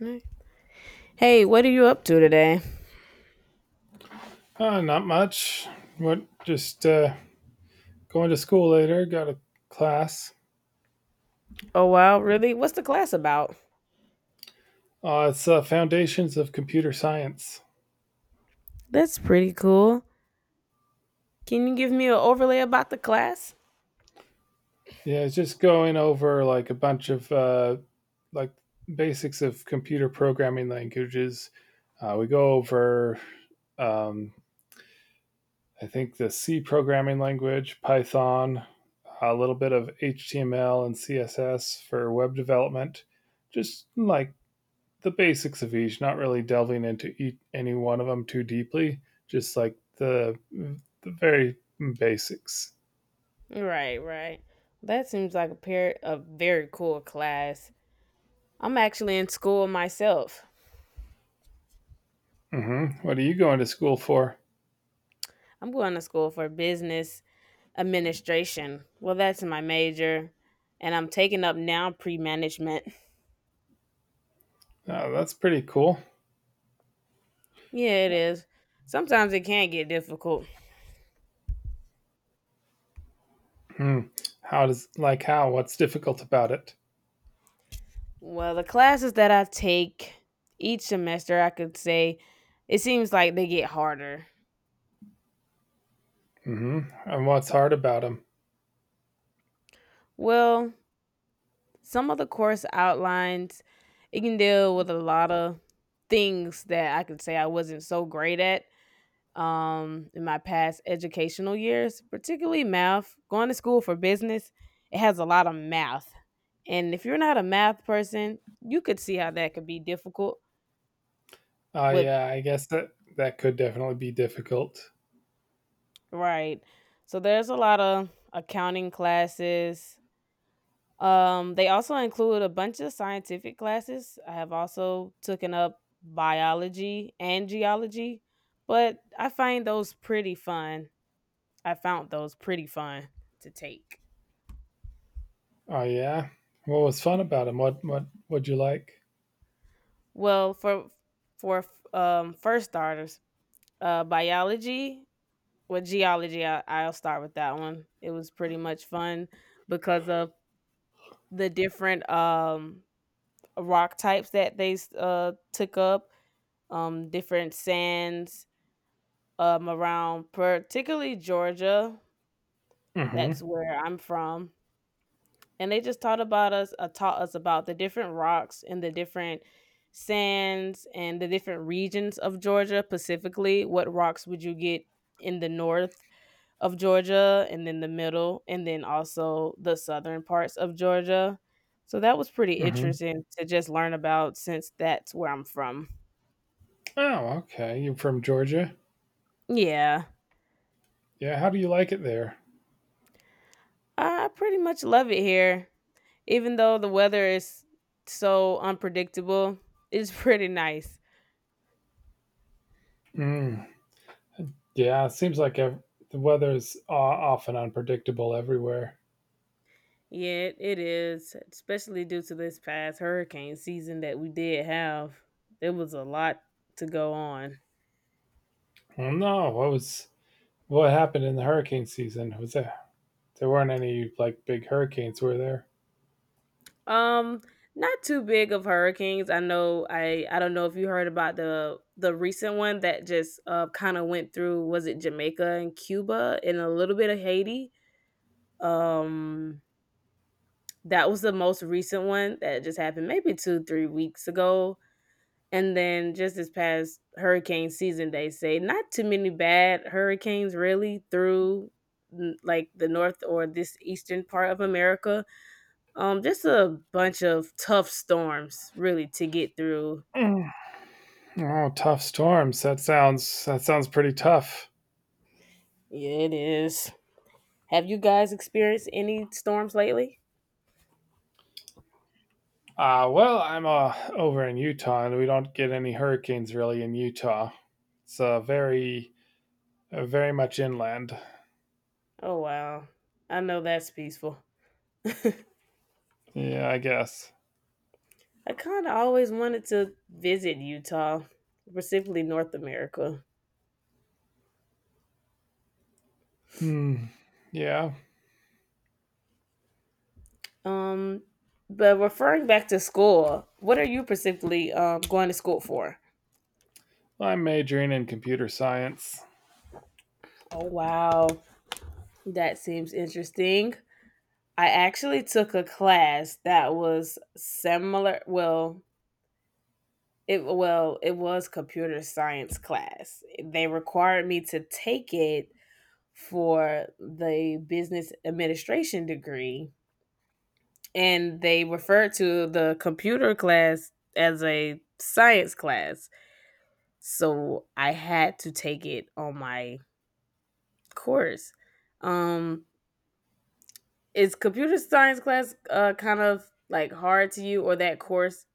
Mm. Hey, what are you up to today? Not much. What? Just going to school later. Got a class. Oh, wow, really? What's the class about? It's foundations of computer science. That's pretty cool. Can you give me an overlay about the class? Yeah, it's just going over like a bunch of like basics of computer programming languages. We go over, um, I think, the C programming language, Python, a little bit of HTML and CSS for web development. Just like the basics of each, not really delving into each, any one of them too deeply, just like the very basics. Right, right. That seems like a pair of very cool class. I'm actually in school myself. Hmm. What are you going to school for? I'm going to school for business administration. Well, that's my major, and I'm taking up now pre management. Oh, that's pretty cool. Yeah, it is. Sometimes it can get difficult. Hmm. How does like how? What's difficult about it? Well, the classes that I take each semester, I could say it seems like they get harder. Hmm. And what's hard about them? Well, some of the course outlines, it can deal with a lot of things that I could say I wasn't so great at in my past educational years, particularly math. Going to school for business, it has a lot of math. And if you're not a math person, you could see how that could be difficult Oh with. yeah, I guess that that could definitely be difficult. Right. So there's a lot of accounting classes. They also include a bunch of scientific classes. I have also taken up biology and geology, but I find those pretty fun. I found those pretty fun to take. Oh yeah. What was fun about them? What would you like? Well, for first starters, biology with geology, I'll start with that one. It was pretty much fun because of the different rock types that they took up, different sands around, particularly Georgia. Hmm. That's where I'm from, and they just taught about us, taught us about the different rocks and the different sands and the different regions of Georgia. Specifically, what rocks would you get in the north of Georgia, and then the middle, and then also the southern parts of Georgia. So that was pretty Hmm. interesting to just learn about since that's where I'm from. Oh, okay. You're from Georgia. Yeah, Yeah. How do you like it there? I pretty much love it here. Even though the weather is so unpredictable, it's pretty nice. Mm. Yeah, it seems like ev- the weather is often unpredictable everywhere. Yeah, it is, especially due to this past hurricane season that we did have. There was a lot to go on. I don't know what happened in the hurricane season. Was there weren't any like big hurricanes, were there? Um, Not too big of hurricanes. I don't know if you heard about the recent one that just kind of went through. Was it Jamaica and Cuba and a little bit of Haiti? Um That was the most recent one that just happened maybe 2, 3 weeks ago, and then just this past hurricane season, they say not too many bad hurricanes really through, n like, the North or this eastern part of America, just a bunch of tough storms really to get through. Mm. Oh, tough storms. That sounds pretty tough. Yeah, it is. Have you guys experienced any storms lately? Well, I'm over in Utah, and we don't get any hurricanes really in Utah. It's very much inland. Oh, wow. I know that's peaceful. Yeah, I guess. I kinda always wanted to visit Utah, specifically North America. Hmm. Yeah, Um, but referring back to school, what are you specifically going to school for? I'm majoring in computer science. Oh, wow. That seems interesting. I actually took a class that was similar. Well, it was computer science class. They required me to take it for the business administration degree, and they referred to the computer class as a science class. So I had to take it on my course. Um, is computer science class kind of like hard to you, or that course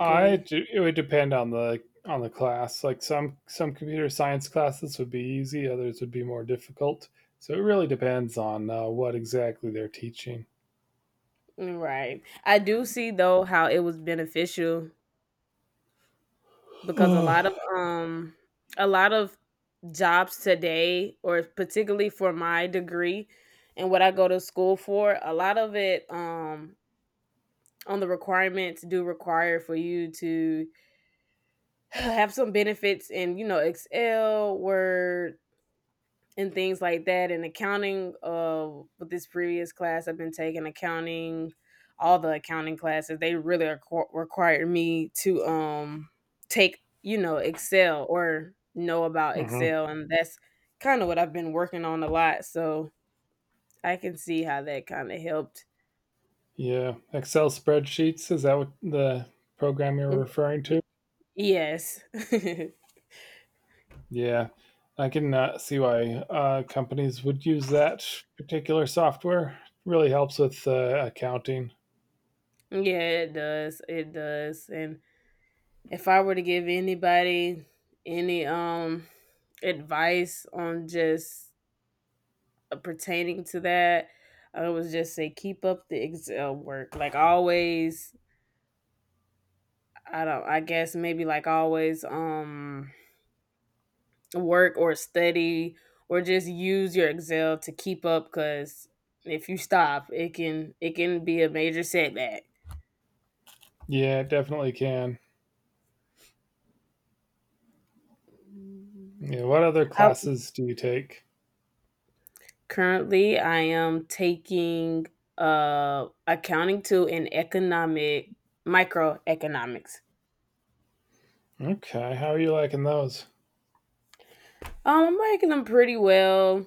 I It would depend on the class. Like some computer science classes would be easy, others would be more difficult. So it really depends on what exactly they're teaching. Right. I do see though how it was beneficial because a lot of jobs today or particularly for my degree and what I go to school for, a lot of it on the requirements do require for you to have some benefits in you know Excel, Word, and things like that. And accounting, with this previous class, I've been taking accounting, all the accounting classes. They really required me to take you know Excel or know about Mhm. Excel, and that's kind of what I've been working on a lot. So I can see how that kind of helped. Yeah, Excel spreadsheets is that what the program you're Mm, referring y- to? Yes. Yeah, Yeah, I can see why companies would use that particular software. It really helps with accounting. it does. It does. And if I were to give anybody any advice on just pertaining to that, I would just say keep up the Excel work. Like always, I don't. I guess maybe like always, work or study or just use your Excel to keep up because if you stop, it can be a major setback. Yeah, it definitely can. Yeah, what other How classes do you take? Currently, I am taking accounting two and economic microeconomics. Okay, how are you liking those? I'm liking them pretty well.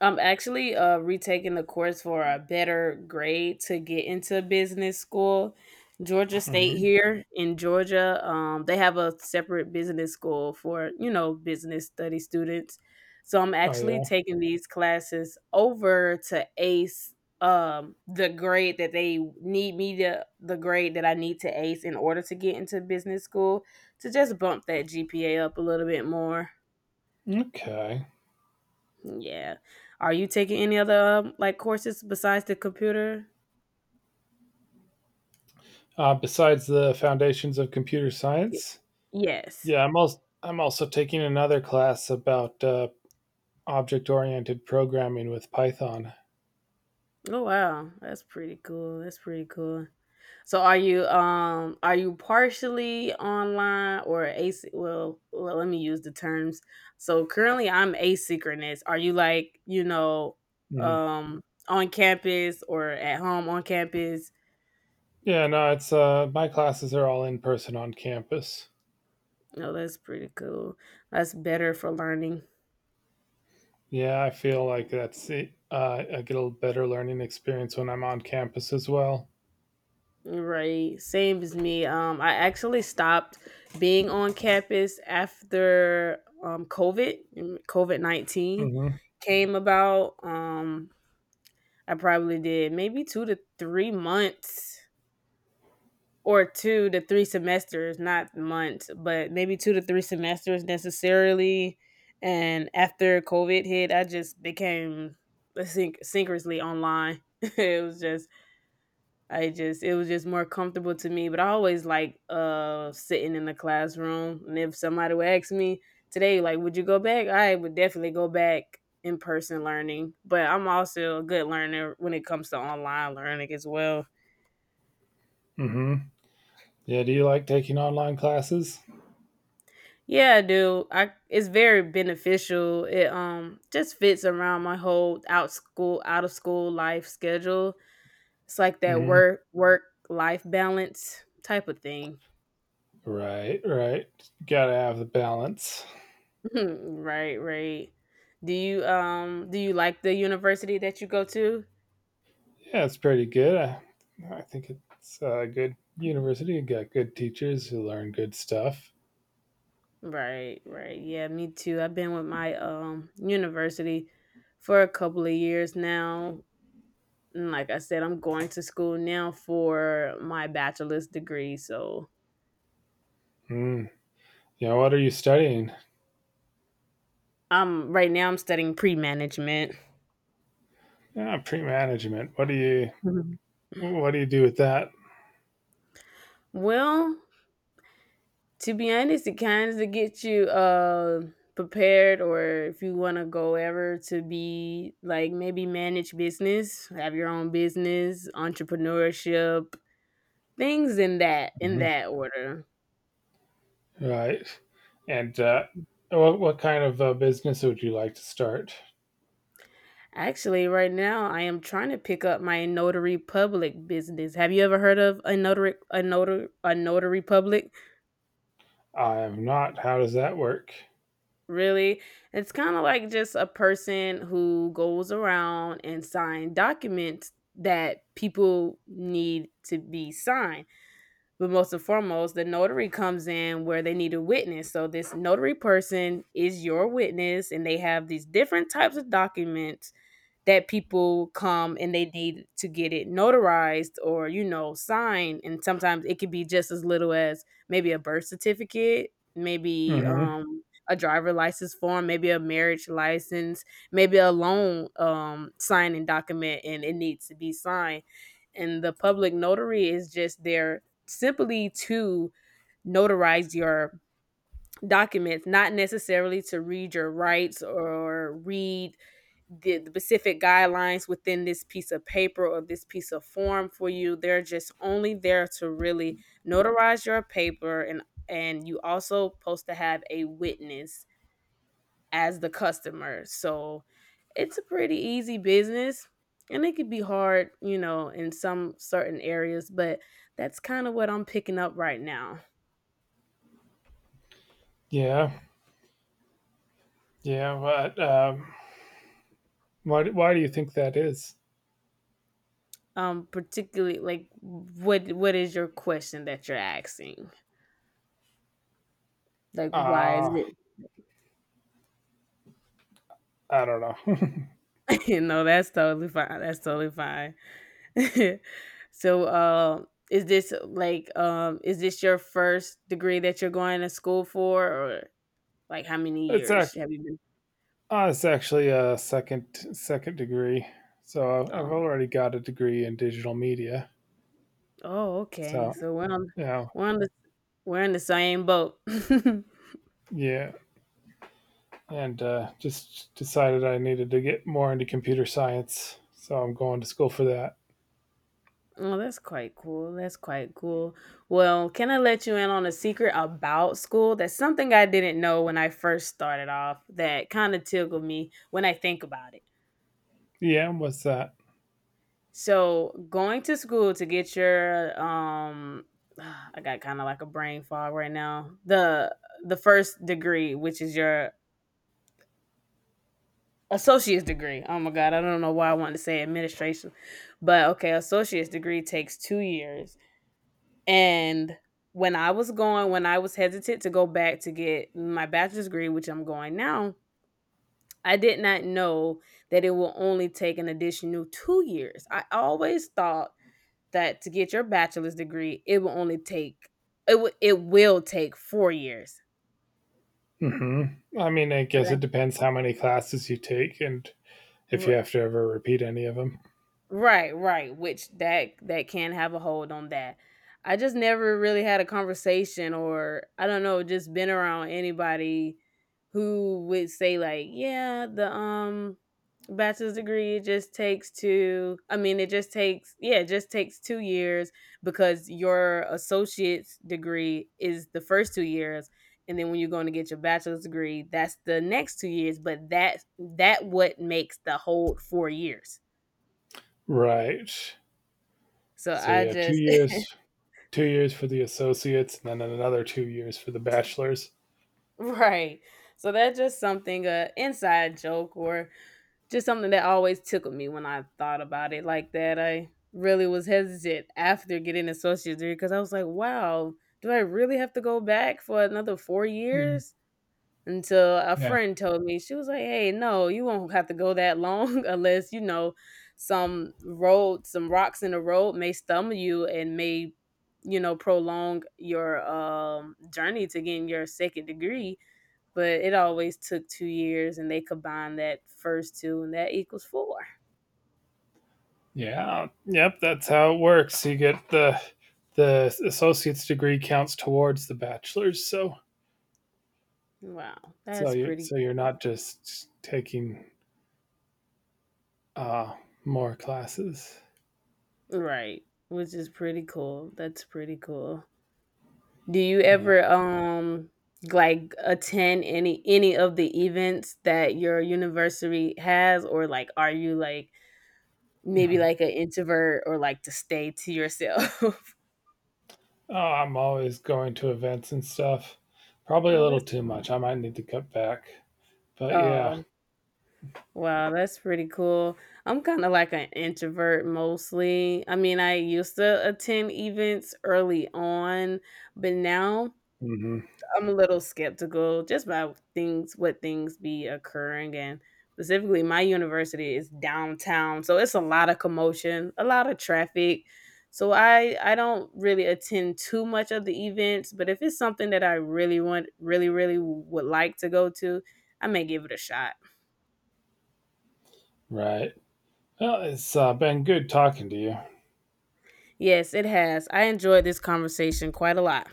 I'm actually retaking the course for a better grade to get into business school. Georgia State Mhm. here in Georgia, they have a separate business school for you know business study students. So I'm Oh, actually yeah? taking these classes over to ace the grade that I need to ace in order to get into business school to just bump that GPA up a little bit more. Okay. Yeah. Are you taking any other, like, courses besides the computer? Besides the foundations of computer Ye science? Yes. Yeah, I'm also taking another class about object-oriented programming with Python. Oh, wow. That's pretty cool, that's pretty cool. So are you partially online or as well, let me use the terms. So currently I'm asynchronous. Are you, like, you know, Mhm. um, on campus or at home on campus? Yeah, no, it's my classes are all in person on campus. No, that's pretty cool. That's better for learning. Yeah, I feel like that's it. I get a better learning experience when I'm on campus as well. Right. Same as me. I actually stopped being on campus after COVID, COVID 19 Mm-hmm. came about. I probably did maybe 2 to 3 months or two to three semesters, not months, but maybe two to three semesters necessarily. And after COVID hit, I just became synchronously online. It was just more comfortable to me. But I always like sitting in the classroom. And if somebody would ask me today, like, would you go back? I would definitely go back in person learning. But I'm also a good learner when it comes to online learning as well. Mm-hmm. Yeah, do you like taking online classes? Yeah, I do. I It's very beneficial. It Just fits around my whole out of school life schedule. It's like that Mm-hmm. Work life balance type of thing. Right, right. Gotta have the balance. Right, right. Do you like the university that you go to? Yeah, it's pretty good. I think it's a good university. You got good teachers who learn good stuff. Right, right. Yeah, me too. I've been with my university for a couple of years now. And like I said, I'm going to school now for my bachelor's degree. So Mm. You what are you studying? I'm right now I'm studying pre-management. Ah, pre-management. Mhm. What do you do with that? Well, to be honest, it kind of gets you prepared, or if you want to go ever to be like maybe manage business, have your own business, entrepreneurship, things in Mhm. that order. Right. And what kind of business would you like to start? Actually, right now I am trying to pick up my notary public business. Have you ever heard of a notary public? I am not. How does that work? Really? It's kinda like just a person who goes around and sign documents that people need to be signed. But most and foremost, the notary comes in where they need a witness. So this notary person is your witness, and they have these different types of documents that people come and they need to get it notarized or you know signed. And sometimes it could be just as little as maybe a birth certificate, maybe Hmm. A driver license form, maybe a marriage license, maybe a loan signing document, and it needs to be signed. And the public notary is just there simply to notarize your documents, not necessarily to read your rights or read the specific guidelines within this piece of paper or this piece of form for you. They're just only there to really notarize your paper. And you also supposed to have a witness as the customer. So it's a pretty easy business, and it could be hard, you know, in some certain areas, but that's kind of what I'm picking up right now. Yeah, yeah. But Why do you think that is? Particularly like what is your question that you're asking? Like why is it. Ah, I don't know. No, that's totally fine. That's totally fine. So, is this your first degree that you're going to school for, or like how many it's a years have you been? it's actually a second degree. So I've Oh, already got a degree in digital media. oh, okay. So you know, We're on the, we're in the same boat. yeah, and just decided I needed to get more into computer science. So I'm going to school for that. Oh, that's quite cool. That's quite cool. Well, can I let you in on a secret about school? That's something I didn't know when I first started off that kind of tickled me when I think about it. Yeah, what's that? So going to school to get your I got kind of like a brain fog right now. The first degree, which is your associate's degree. Oh my god, I don't know why I wanted to say administration. But okay, associate's degree takes 2 years. And when I was hesitant to go back to get my bachelor's degree, which I'm going now, I did not know that it will only take an additional 2 years. I always thought that to get your bachelor's degree, it will take 4 years. Hmm. I mean, I But guess I it depends how many classes you take and if you r have to ever repeat any of them. Right, right, which that can have a hold on that. I just never really had a conversation or I don't know, just been around anybody who would say like, yeah, the bachelor's degree it just takes two I mean it just takes yeah, it just takes 2 years because your associate's degree is the first 2 years, and then when you're going to get your bachelor's degree, that's the next 2 years, but that what makes the whole 4 years. Right. So So I yeah, just two years for the associates, and then another two years for the bachelors. right. So that's just something, a inside joke, or just something that always tickled me when I thought about it like that. I really was hesitant after getting an associate's degree because I was like, wow, do I really have to go back for another four Mhm. years? Until a friend told me she was like, "Hey, no, you won't have to go that long unless you know some some rocks in the road may stumble you and may you know prolong your journey to getting your second degree." But it always took 2 years, and they combined that first two, and that equals four. Yeah. Yep. That's how it works. You get the associate's degree counts towards the bachelor's, so Wow, so that's you pretty so you're cool. not just taking uh, more classes. Right, which is pretty cool. That's pretty cool. Do you Yeah. ever like attend any of the events that your university has, or like are you like maybe like an introvert or like to stay to yourself? Oh, I'm always going to events and stuff. Probably a Oh, that's little too much. I might need to cut back. But yeah. oh, wow, that's pretty cool. I'm kind of like an introvert mostly. I mean, I used to attend events early on, but now Hmm. I'm a little skeptical just about things, what things be occurring, and specifically my university is downtown. So it's a lot of commotion, a lot of traffic. So I don't really attend too much of the events, but if it's something that I really want really really would like to go to, I may give it a shot. Right. Well, it's been good talking to you. Yes, it has. I enjoyed this conversation quite a lot.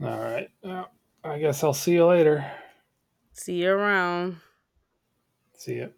All right. Well, I guess I'll see you later. See you around. See ya.